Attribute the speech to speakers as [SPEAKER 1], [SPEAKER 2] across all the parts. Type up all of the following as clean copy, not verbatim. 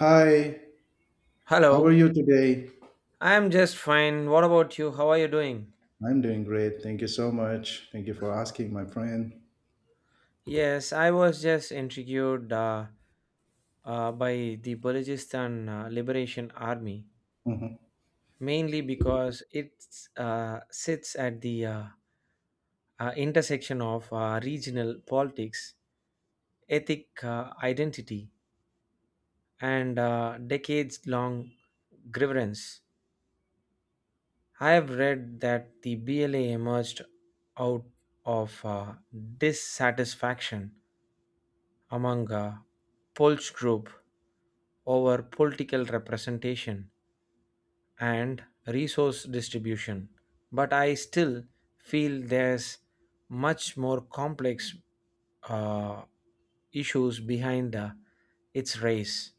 [SPEAKER 1] Hi, how are
[SPEAKER 2] Hello,
[SPEAKER 1] you today?
[SPEAKER 2] I am just fine. What about you? How are you doing?
[SPEAKER 1] I'm doing great. Thank you so much. Thank you for asking, my friend.
[SPEAKER 2] Yes, I was just intrigued by the Balochistan Liberation Army,
[SPEAKER 1] Mhm.
[SPEAKER 2] mainly because it sits at the intersection of regional politics, ethnic identity, and decades long grievance. I have read that the BLA emerged out of dissatisfaction among a Polish group over political representation and resource distribution. But I still feel there's much more complex uh, issues behind its race.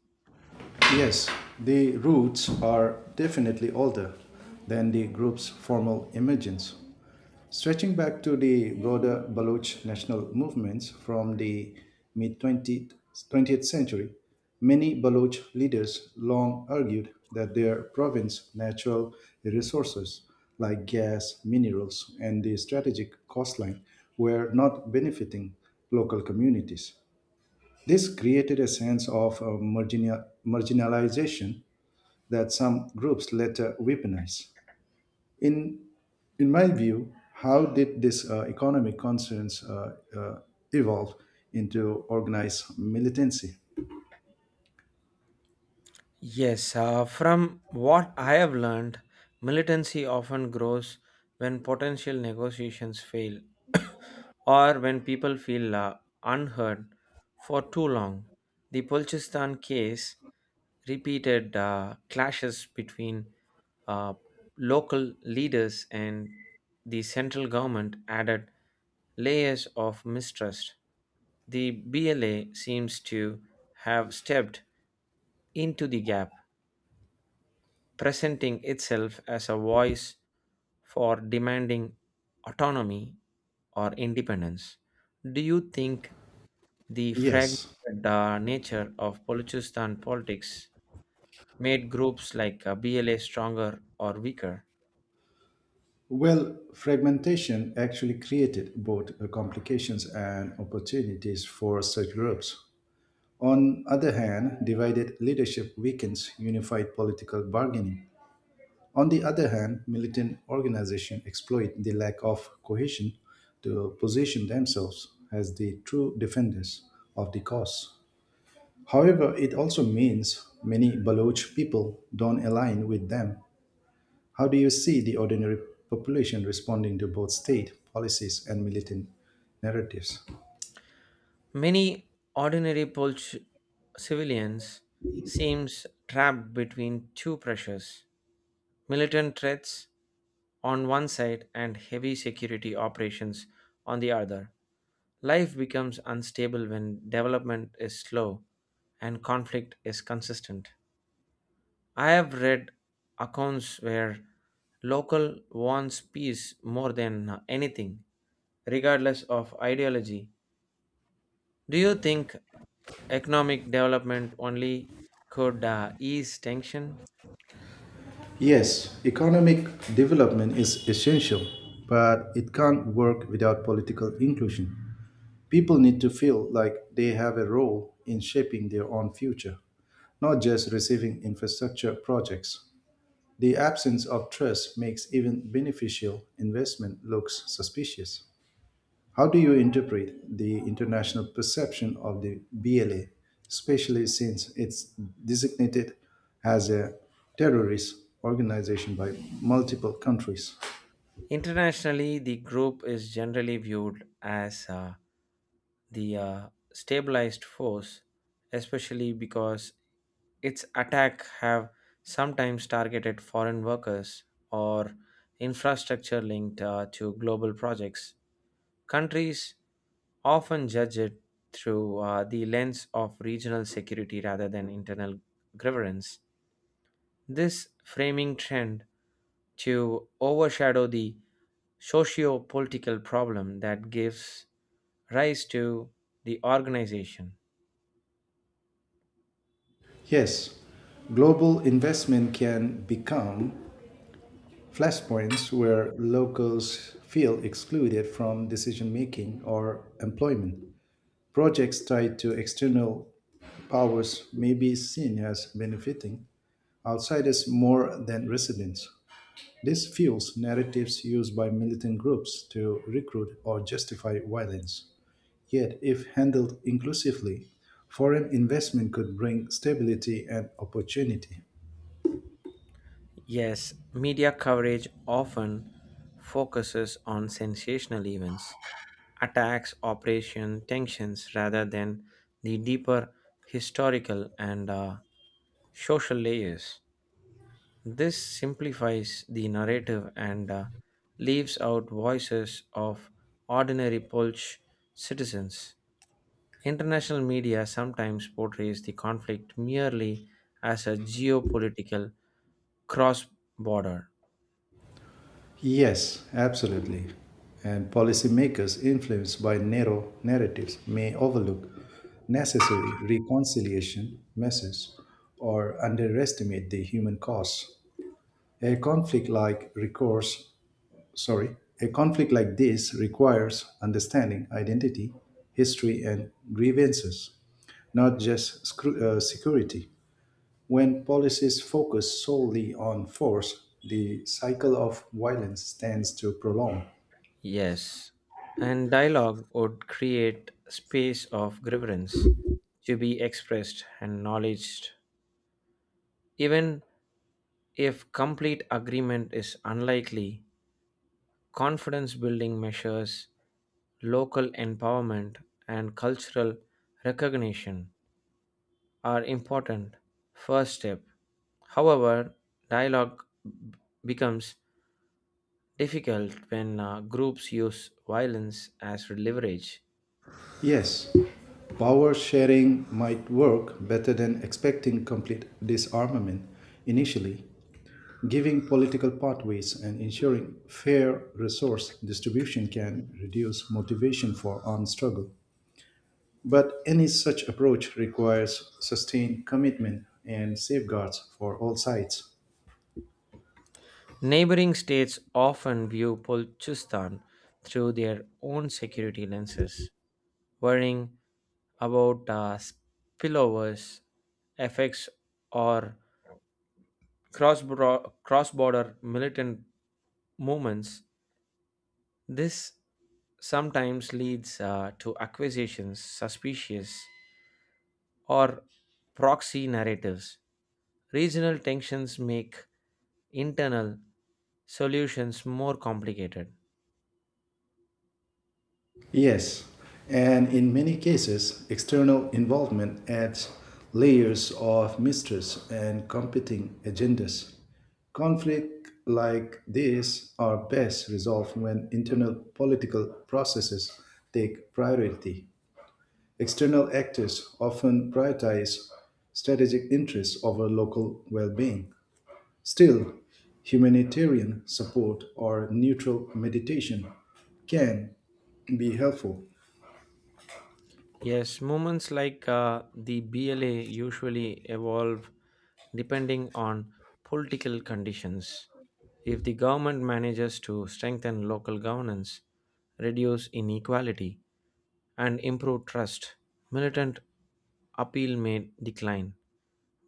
[SPEAKER 1] Yes, the roots are definitely older than the group's formal origins. Stretching back to the broader Baloch national movements from the mid 20th, 20th century, many Baloch leaders long argued that their province's natural resources like gas, minerals, and the strategic coastline were not benefiting local communities. This created a sense of marginalization that some groups later weaponized. In in my view, how did this economic concerns evolve into organized militancy?
[SPEAKER 2] Yes, from what I have learned, militancy often grows when potential negotiations fail or when people feel unheard for too long. The Balchistan case repeated clashes between uh, local leaders and the central government added layers of mistrust. The BLA seems to have stepped into the gap, presenting itself as a voice for demanding autonomy or independence. Do you think the
[SPEAKER 1] Yes.
[SPEAKER 2] fragmented nature of Balochistan politics made groups like BLA stronger or weaker?
[SPEAKER 1] Well, fragmentation actually created both complications and opportunities for such groups. On other hand, divided leadership weakens unified political bargaining. On the other hand, militant organizations exploit the lack of cohesion to position themselves as the true defenders of the cause. However, it also means many Baloch people don't align with them. How do you see the ordinary population responding to both state policies and militant narratives?
[SPEAKER 2] Many ordinary Polish civilians seems trapped between two pressures, militant threats on one side and heavy security operations on the other. Life becomes unstable when development is slow and conflict is consistent. I have read accounts where local wants peace more than anything, regardless of ideology. Do you think economic development only could ease tension?
[SPEAKER 1] Yes, economic development is essential, but it can't work without political inclusion. People need to feel like they have a role in shaping their own future, not just receiving infrastructure projects. The absence of trust makes even beneficial investment looks suspicious. How do you interpret the international perception of the BLA, especially since it's designated as a terrorist organization by multiple countries?
[SPEAKER 2] Internationally, the group is generally viewed as the stabilized force, especially because its attack have sometimes targeted foreign workers or infrastructure linked to global projects. Countries often judge it through the lens of regional security rather than internal grievance. This framing trend to overshadow the socio-political problem that gives rise to the organization.
[SPEAKER 1] Yes, global investment can become flashpoints where locals feel excluded from decision making or employment. Projects tied to external powers may be seen as benefiting outsiders more than residents. This fuels narratives used by militant groups to recruit or justify violence. Yet, if handled inclusively, foreign investment could bring stability and opportunity.
[SPEAKER 2] Yes, media coverage often focuses on sensational events, attacks, operation, tensions, rather than the deeper historical and social layers. This simplifies the narrative and leaves out voices of ordinary Polish citizens. International media sometimes portrays the conflict merely as a geopolitical cross border.
[SPEAKER 1] Yes, absolutely. And policymakers influenced by narrow narratives may overlook necessary reconciliation measures or underestimate the human cost. A conflict like recourse, sorry, a conflict like this requires understanding identity, history, and grievances, not just security. When policies focus solely on force, the cycle of violence tends to prolong.
[SPEAKER 2] Yes, and dialogue would create space of grievance to be expressed and acknowledged. Even if complete agreement is unlikely, confidence building measures, local empowerment, and cultural recognition are important first step. However, dialogue b- becomes difficult when groups use violence as leverage.
[SPEAKER 1] Yes, power sharing might work better than expecting complete disarmament initially. Giving political pathways and ensuring fair resource distribution can reduce motivation for armed struggle. But any such approach requires sustained commitment and safeguards for all sides.
[SPEAKER 2] Neighboring states often view Balochistan through their own security lenses, worrying about spillovers, effects, or cross-border militant movements. This sometimes leads to accusations, suspicious, or proxy narratives. Regional tensions make internal solutions more complicated.
[SPEAKER 1] Yes, and in many cases, external involvement adds layers of mistrust and competing agendas. Conflict like this are best resolved when internal political processes take priority. External actors often prioritize strategic interests over local well being. Still, humanitarian support or neutral mediation can be helpful.
[SPEAKER 2] Yes, moments like the BLA usually evolve depending on political conditions. If the government manages to strengthen local governance, reduce inequality, and improve trust, militant appeal may decline.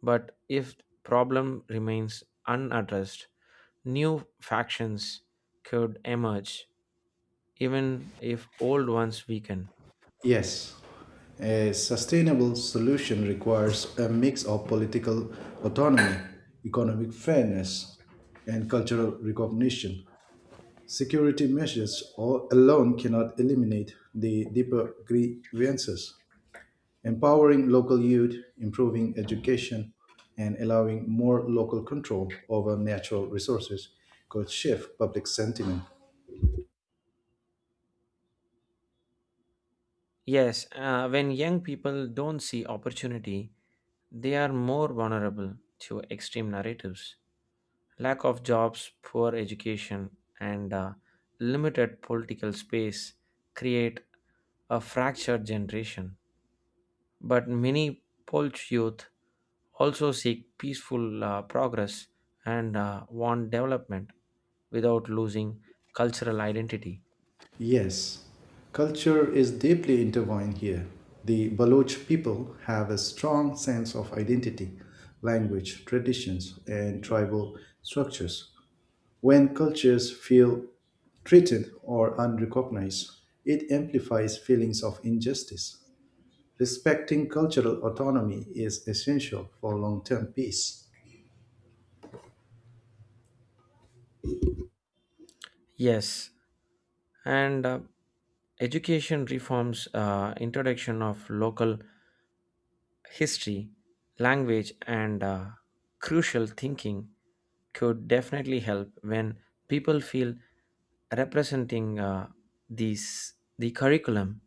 [SPEAKER 2] But if problem remains unaddressed, new factions could emerge even if old ones weaken.
[SPEAKER 1] Yes, a sustainable solution requires a mix of political autonomy, economic fairness, and cultural recognition. Security measures all alone cannot eliminate the deeper grievances. Empowering local youth, improving education, and allowing more local control over natural resources could shift public sentiment.
[SPEAKER 2] Yes, when young people don't see opportunity, they are more vulnerable to extreme narratives. Lack of jobs, poor education, and limited political space create a fractured generation. But many Polish youth also seek peaceful progress and want development without losing cultural identity.
[SPEAKER 1] Yes, culture is deeply intertwined here. The Baloch people have a strong sense of identity, language, traditions, and tribal structures. When cultures feel threatened or unrecognized, it amplifies feelings of injustice. Respecting cultural autonomy is essential for long term peace.
[SPEAKER 2] Yes, and education reforms, introduction of local history, language, and crucial thinking could definitely help. When people feel representing these the curriculum,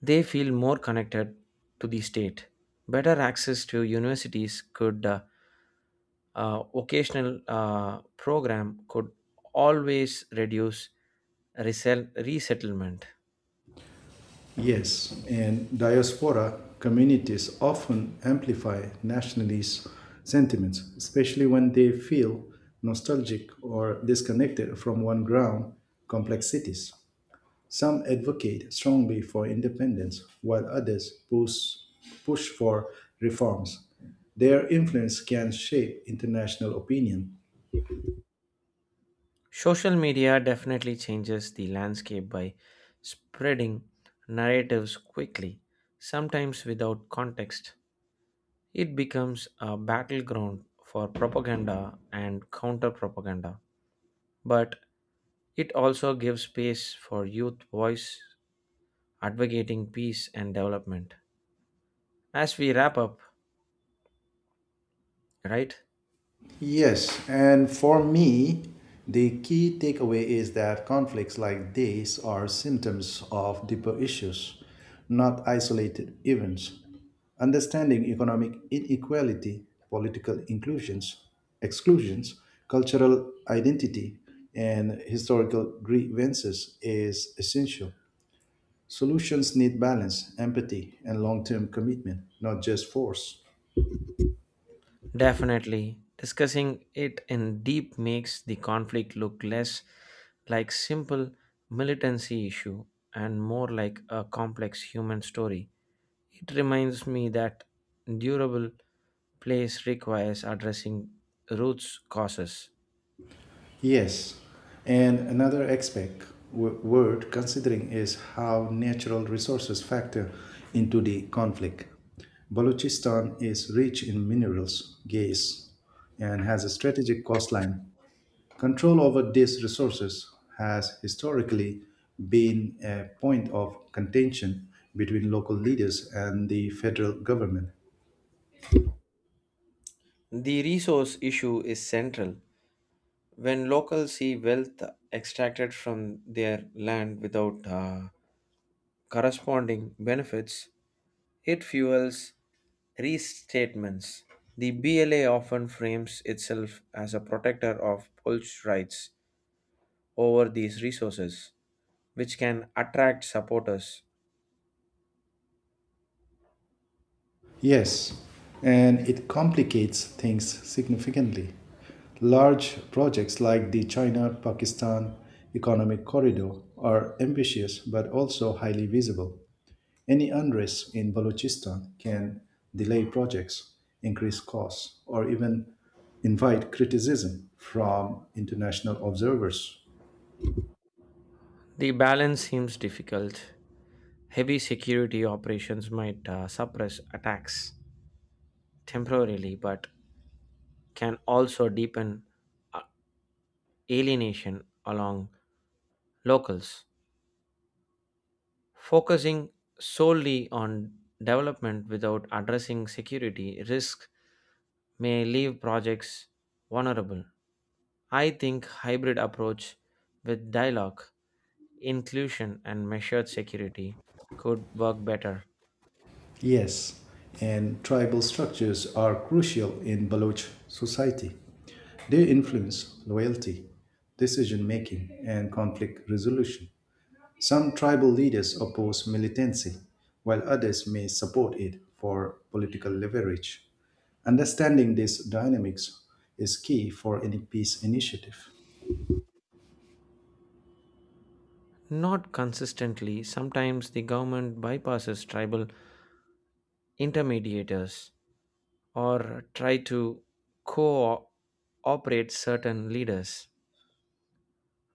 [SPEAKER 2] they feel more connected to the state. Better access to universities could occasional program could always reduce resettlement.
[SPEAKER 1] Yes, and diaspora communities often amplify nationalist sentiments, especially when they feel nostalgic or disconnected from one ground complexities. Some advocate strongly for independence, while others push for reforms. Their influence can shape international opinion.
[SPEAKER 2] Social media definitely changes the landscape by spreading narratives quickly, sometimes without context. It becomes a battleground for propaganda and counter propaganda. But it also gives space for youth voice advocating peace and development. As we wrap up, right?
[SPEAKER 1] Yes, and for me, the key takeaway is that conflicts like these are symptoms of deeper issues, not isolated events. Understanding economic inequality, political inclusions, exclusions, cultural identity, and historical grievances is essential. Solutions need balance, empathy, and long term commitment, not just force.
[SPEAKER 2] Definitely. Discussing it in deep makes the conflict look less like simple militancy issue and more like a complex human story. It reminds me that durable place requires addressing roots causes.
[SPEAKER 1] Yes, and another aspect worth considering is how natural resources factor into the conflict. Balochistan is rich in minerals, gas, and has a strategic coastline. Control over these resources has historically been a point of contention between local leaders and the federal government.
[SPEAKER 2] The resource issue is central. When locals see wealth extracted from their land without corresponding benefits, it fuels restatements. The BLA often frames itself as a protector of Polish rights over these resources, which can attract supporters.
[SPEAKER 1] Yes, and it complicates things significantly. Large projects like the China Pakistan Economic Corridor are ambitious but also highly visible. Any unrest in Balochistan can delay projects, increase costs, or even invite criticism from international observers.
[SPEAKER 2] The balance seems difficult. Heavy security operations might suppress attacks temporarily, but can also deepen uh, alienation along locals. Focusing solely on development without addressing security risk may leave projects vulnerable. I think hybrid approach with dialogue, inclusion and measured security could work better.
[SPEAKER 1] Yes, and tribal structures are crucial in Baloch society. They influence loyalty, decision making, and conflict resolution. Some tribal leaders oppose militancy, while others may support it for political leverage. Understanding these dynamics is key for any peace initiative.
[SPEAKER 2] Not consistently, sometimes the government bypasses tribal intermediators or try to cooperate certain leaders,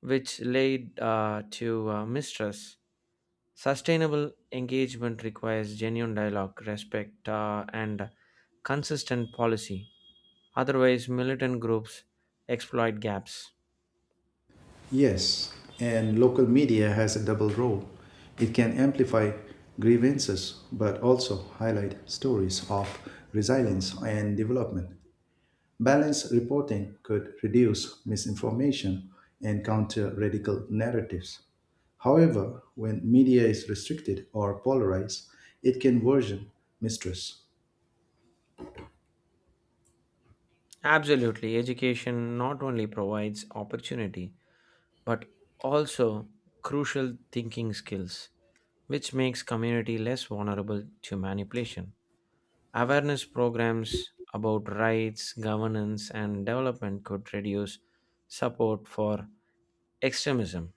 [SPEAKER 2] which led to mistrust. Sustainable engagement requires genuine dialogue, respect, and consistent policy. Otherwise, militant groups exploit gaps.
[SPEAKER 1] Yes, and local media has a double role. It can amplify grievances but also highlight stories of resilience and development. Balanced reporting could reduce misinformation and counter radical narratives. However, when media is restricted or polarized, it can worsen mistrust.
[SPEAKER 2] Absolutely, education not only provides opportunity but also crucial thinking skills, which makes community less vulnerable to manipulation. Awareness programs about rights, governance, and development could reduce support for extremism.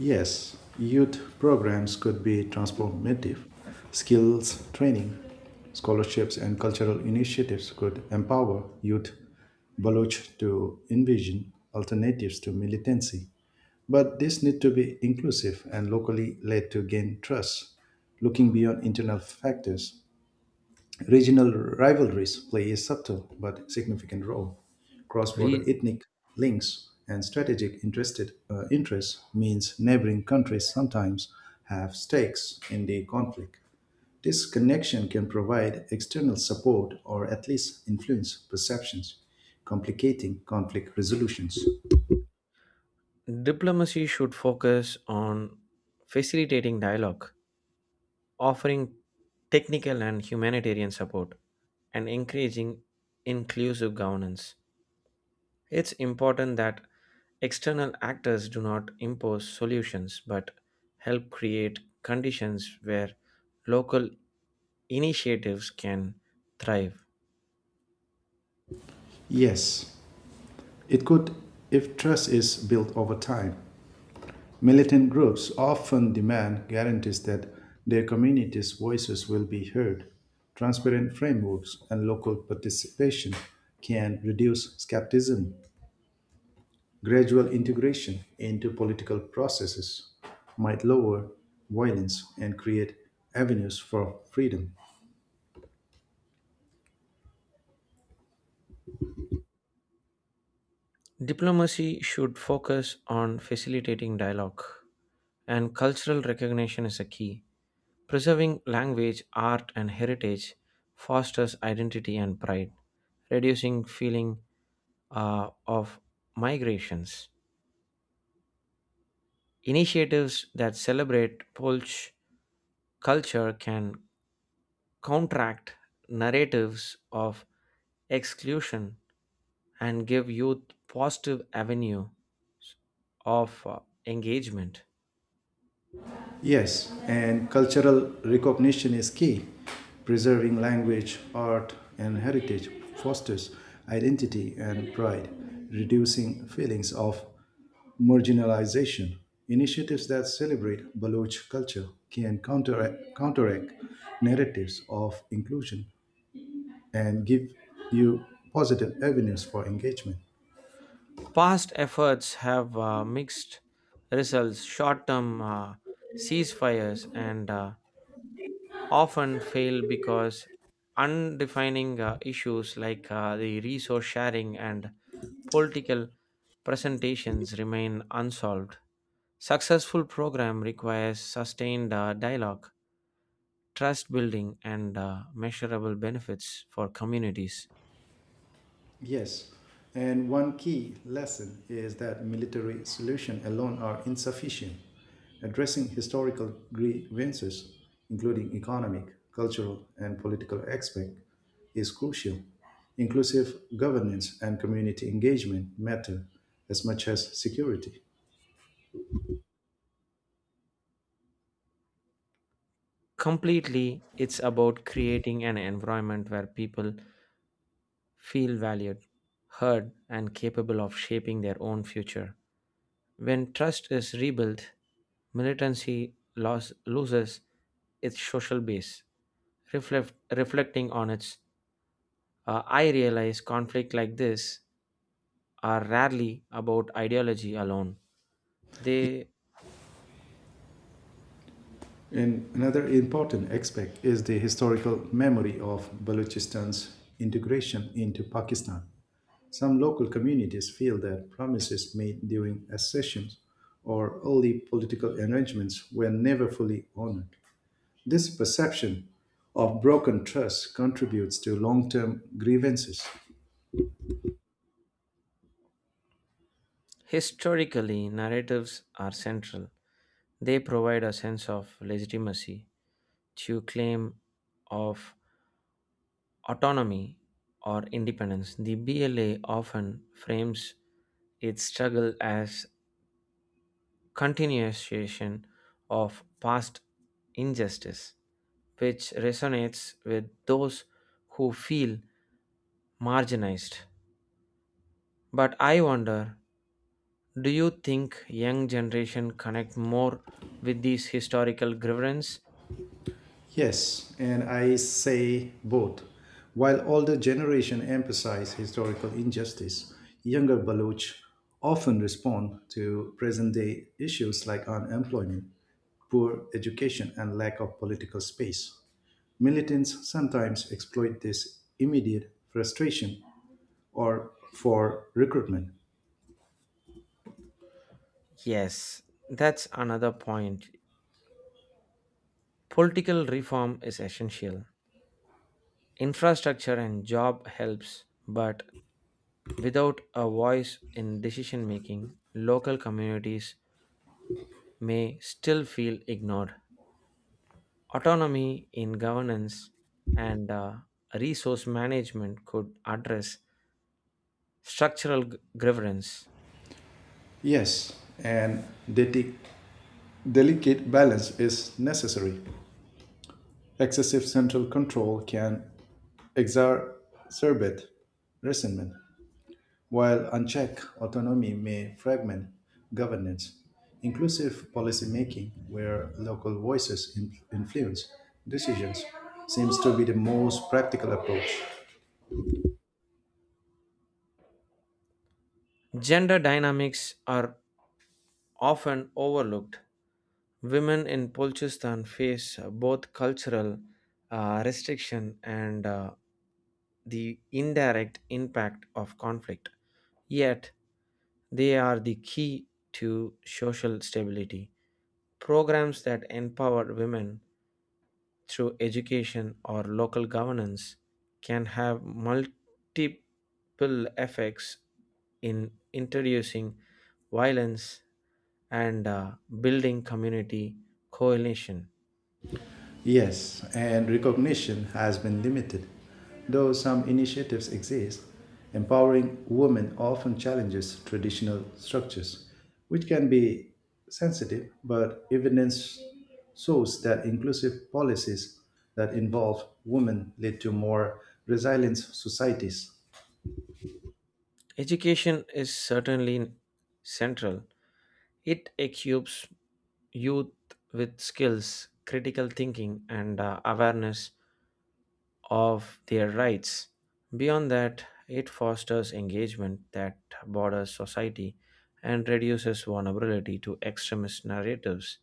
[SPEAKER 1] Yes, youth programs could be transformative. Skills training, scholarships, and cultural initiatives could empower youth Baloch to envision alternatives to militancy. But this need to be inclusive and locally led to gain trust, looking beyond internal factors. Regional rivalries play a subtle but significant role. Cross border
[SPEAKER 2] Re-
[SPEAKER 1] ethnic links and strategic interests means neighboring countries sometimes have stakes in the conflict. This connection can provide external support or at least influence perceptions, complicating conflict resolutions.
[SPEAKER 2] Diplomacy should focus on facilitating dialogue, offering technical and humanitarian support, and encouraging inclusive governance. It's important that external actors do not impose solutions but help create conditions where local initiatives can thrive.
[SPEAKER 1] Yes, it could if trust is built over time. Militant groups often demand guarantees that their communities' voices will be heard. Transparent frameworks and local participation can reduce skepticism. Gradual integration into political processes might lower violence and create avenues for freedom.
[SPEAKER 2] Diplomacy should focus on facilitating dialogue, and cultural recognition is a key. Preserving language, art, and heritage fosters identity and pride, reducing feeling of migrations. Initiatives that celebrate Polish culture can counteract narratives of exclusion and give youth positive avenue of engagement.
[SPEAKER 1] Yes, and cultural recognition is key. Preserving language, art, and heritage fosters identity and pride, reducing feelings of marginalization. Initiatives that celebrate Baloch culture can counteract narratives of inclusion and give you positive avenues for engagement.
[SPEAKER 2] Past efforts have mixed results, short term ceasefires, and often fail because undefining issues like the resource sharing and political presentations remain unsolved. Successful program requires sustained dialogue, trust building, and measurable benefits for communities.
[SPEAKER 1] Yes, and one key lesson is that military solutions alone are insufficient. Addressing historical grievances, including economic, cultural, and political aspects, is crucial. Inclusive governance and community engagement matter as much as security.
[SPEAKER 2] Completely, it's about creating an environment where people feel valued, heard, and capable of shaping their own future. When trust is rebuilt, loses its social base. Reflecting on its, I realize conflict like this are rarely about ideology alone. They
[SPEAKER 1] And another important aspect is the historical memory of Balochistan's integration into Pakistan. Some local communities feel that promises made during accessions or early political arrangements were never fully honored. This perception of broken trust contributes to long term grievances.
[SPEAKER 2] historically narratives are central. They provide a sense of legitimacy to claim of autonomy or independence. The BLA often frames its struggle as continuation of past injustice, which resonates with those who feel marginalized. But I wonder, do you think young generation connect more with these historical grievance?
[SPEAKER 1] Yes, and I say both. While older generation emphasize historical injustice, younger Baloch often respond to present day issues like unemployment, poor education, and lack of political space. Militants sometimes exploit this immediate frustration or for recruitment.
[SPEAKER 2] Yes, that's another point. Political reform is essential. Infrastructure and job helps, but without a voice in decision making, local communities may still feel ignored. Autonomy in governance and resource management could address grievance.
[SPEAKER 1] Yes, and deti- delicate balance is necessary. Excessive central control can exacerbate resentment, while unchecked autonomy may fragment governance. Inclusive policymaking, where local voices influence decisions, seems to be the most practical approach.
[SPEAKER 2] Gender dynamics are often overlooked. Women in Pulchistan face both cultural restriction and the indirect impact of conflict. Yet, they are the key to social stability. Programs that empower women through education or local governance can have multiple effects in introducing violence and building community coalition.
[SPEAKER 1] Yes, and recognition has been limited. Though some initiatives exist, empowering women often challenges traditional structures, which can be sensitive, but evidence shows that inclusive policies that involve women lead to more resilient societies.
[SPEAKER 2] Education is certainly central. It equips youth with skills, critical thinking, and awareness of their rights. Beyond that, it fosters engagement that borders society and reduces vulnerability to extremist narratives.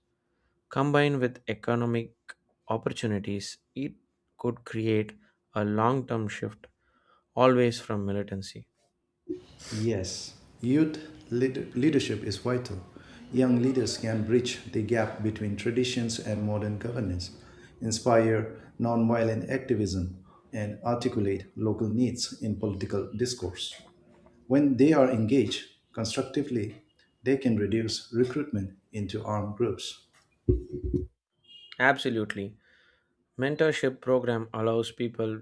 [SPEAKER 2] Combined with economic opportunities, it could create a long term shift always from militancy.
[SPEAKER 1] Yes, youth leadership is vital. Young leaders can bridge the gap between traditions and modern governance, inspire nonviolent activism, and articulate local needs in political discourse. When they are engaged constructively, they can reduce recruitment into armed groups.
[SPEAKER 2] Absolutely. Mentorship program allows people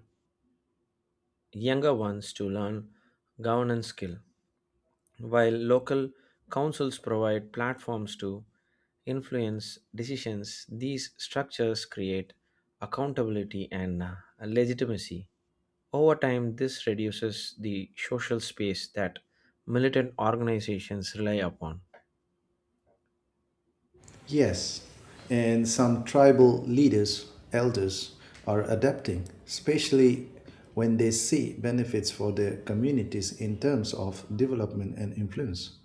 [SPEAKER 2] younger ones to learn governance skill while local councils provide platforms to influence decisions. These structures create accountability and legitimacy. Over time, this reduces the social space that militant organizations rely upon.
[SPEAKER 1] Yes, and some tribal leaders, elders, are adapting, especially when they see benefits for their communities in terms of development and influence.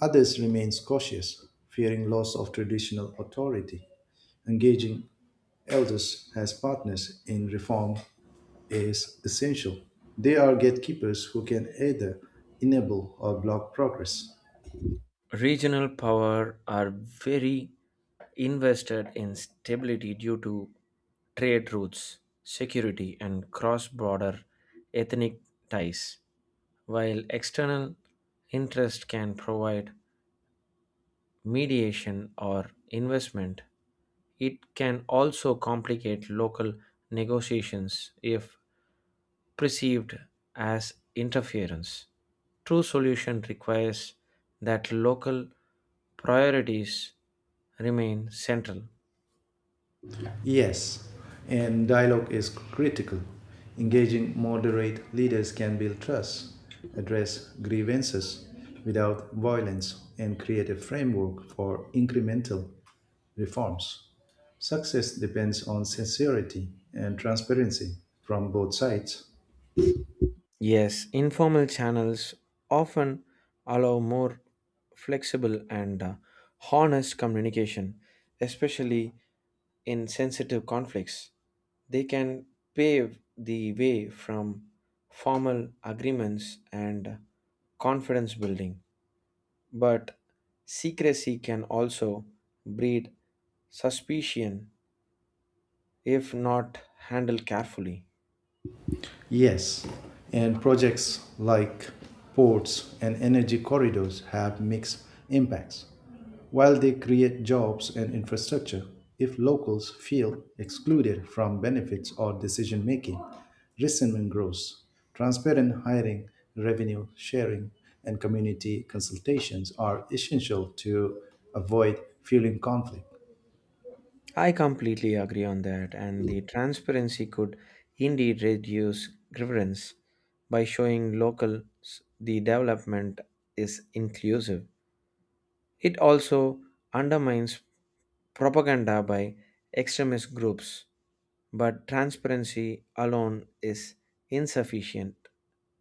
[SPEAKER 1] Others remain cautious, fearing loss of traditional authority. Engaging elders as partners in reform is essential. They are gatekeepers who can either enable or block progress.
[SPEAKER 2] Regional power are very invested in stability due to trade routes, security, and cross border ethnic ties. While external interest can provide mediation or investment, it can also complicate local negotiations if perceived as interference. True solution requires that local priorities remain central.
[SPEAKER 1] Yes, and dialogue is critical. Engaging moderate leaders can build trust, address grievances without violence, and create a framework for incremental reforms. Success depends on sincerity and transparency from both sides.
[SPEAKER 2] Yes, informal channels often allow more flexible and honest communication, especially in sensitive conflicts. They can pave the way from formal agreements and confidence building, but secrecy can also breed suspicion if not handled carefully.
[SPEAKER 1] Yes, and projects like ports and energy corridors have mixed impacts. While they create jobs and infrastructure, if locals feel excluded from benefits or decision making, resentment grows. Transparent hiring, revenue sharing, and community consultations are essential to avoid fueling conflict.
[SPEAKER 2] I completely agree on that, and the transparency could indeed reduce grievance by showing locals the development is inclusive. It also undermines propaganda by extremist groups, but transparency alone is insufficient.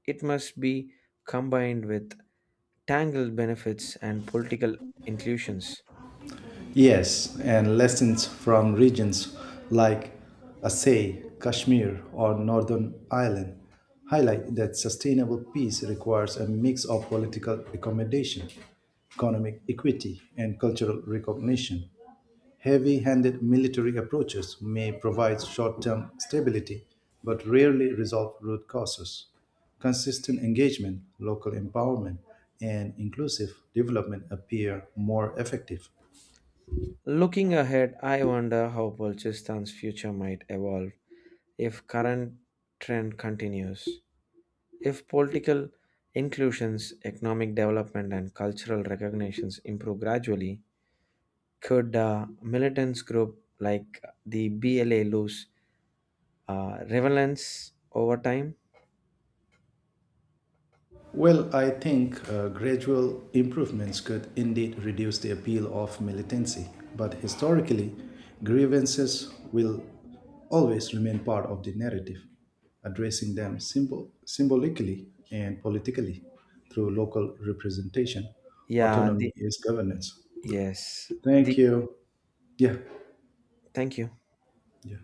[SPEAKER 2] It must be combined with tangled benefits and political inclusions.
[SPEAKER 1] Yes, and lessons from regions like Assay, Kashmir, or Northern Ireland highlight that sustainable peace requires a mix of political accommodation, economic equity, and cultural recognition. Heavy handed military approaches may provide short term stability but rarely resolve root causes. Consistent engagement, local empowerment, and inclusive development appear more effective.
[SPEAKER 2] Looking ahead, I wonder how Balchistan's future might evolve if current trend continues. If political inclusions, economic development, and cultural recognitions improve gradually, could militants group like the BLA lose relevance over time?
[SPEAKER 1] Well, I think gradual improvements could indeed reduce the appeal of militancy, but historically, grievances will always remain part of the narrative, addressing them symbolically and politically through local representation.
[SPEAKER 2] Yeah.
[SPEAKER 1] Autonomy
[SPEAKER 2] The
[SPEAKER 1] is governance.
[SPEAKER 2] yes. The
[SPEAKER 1] Thank you. Yeah,
[SPEAKER 2] thank you.
[SPEAKER 1] yeah.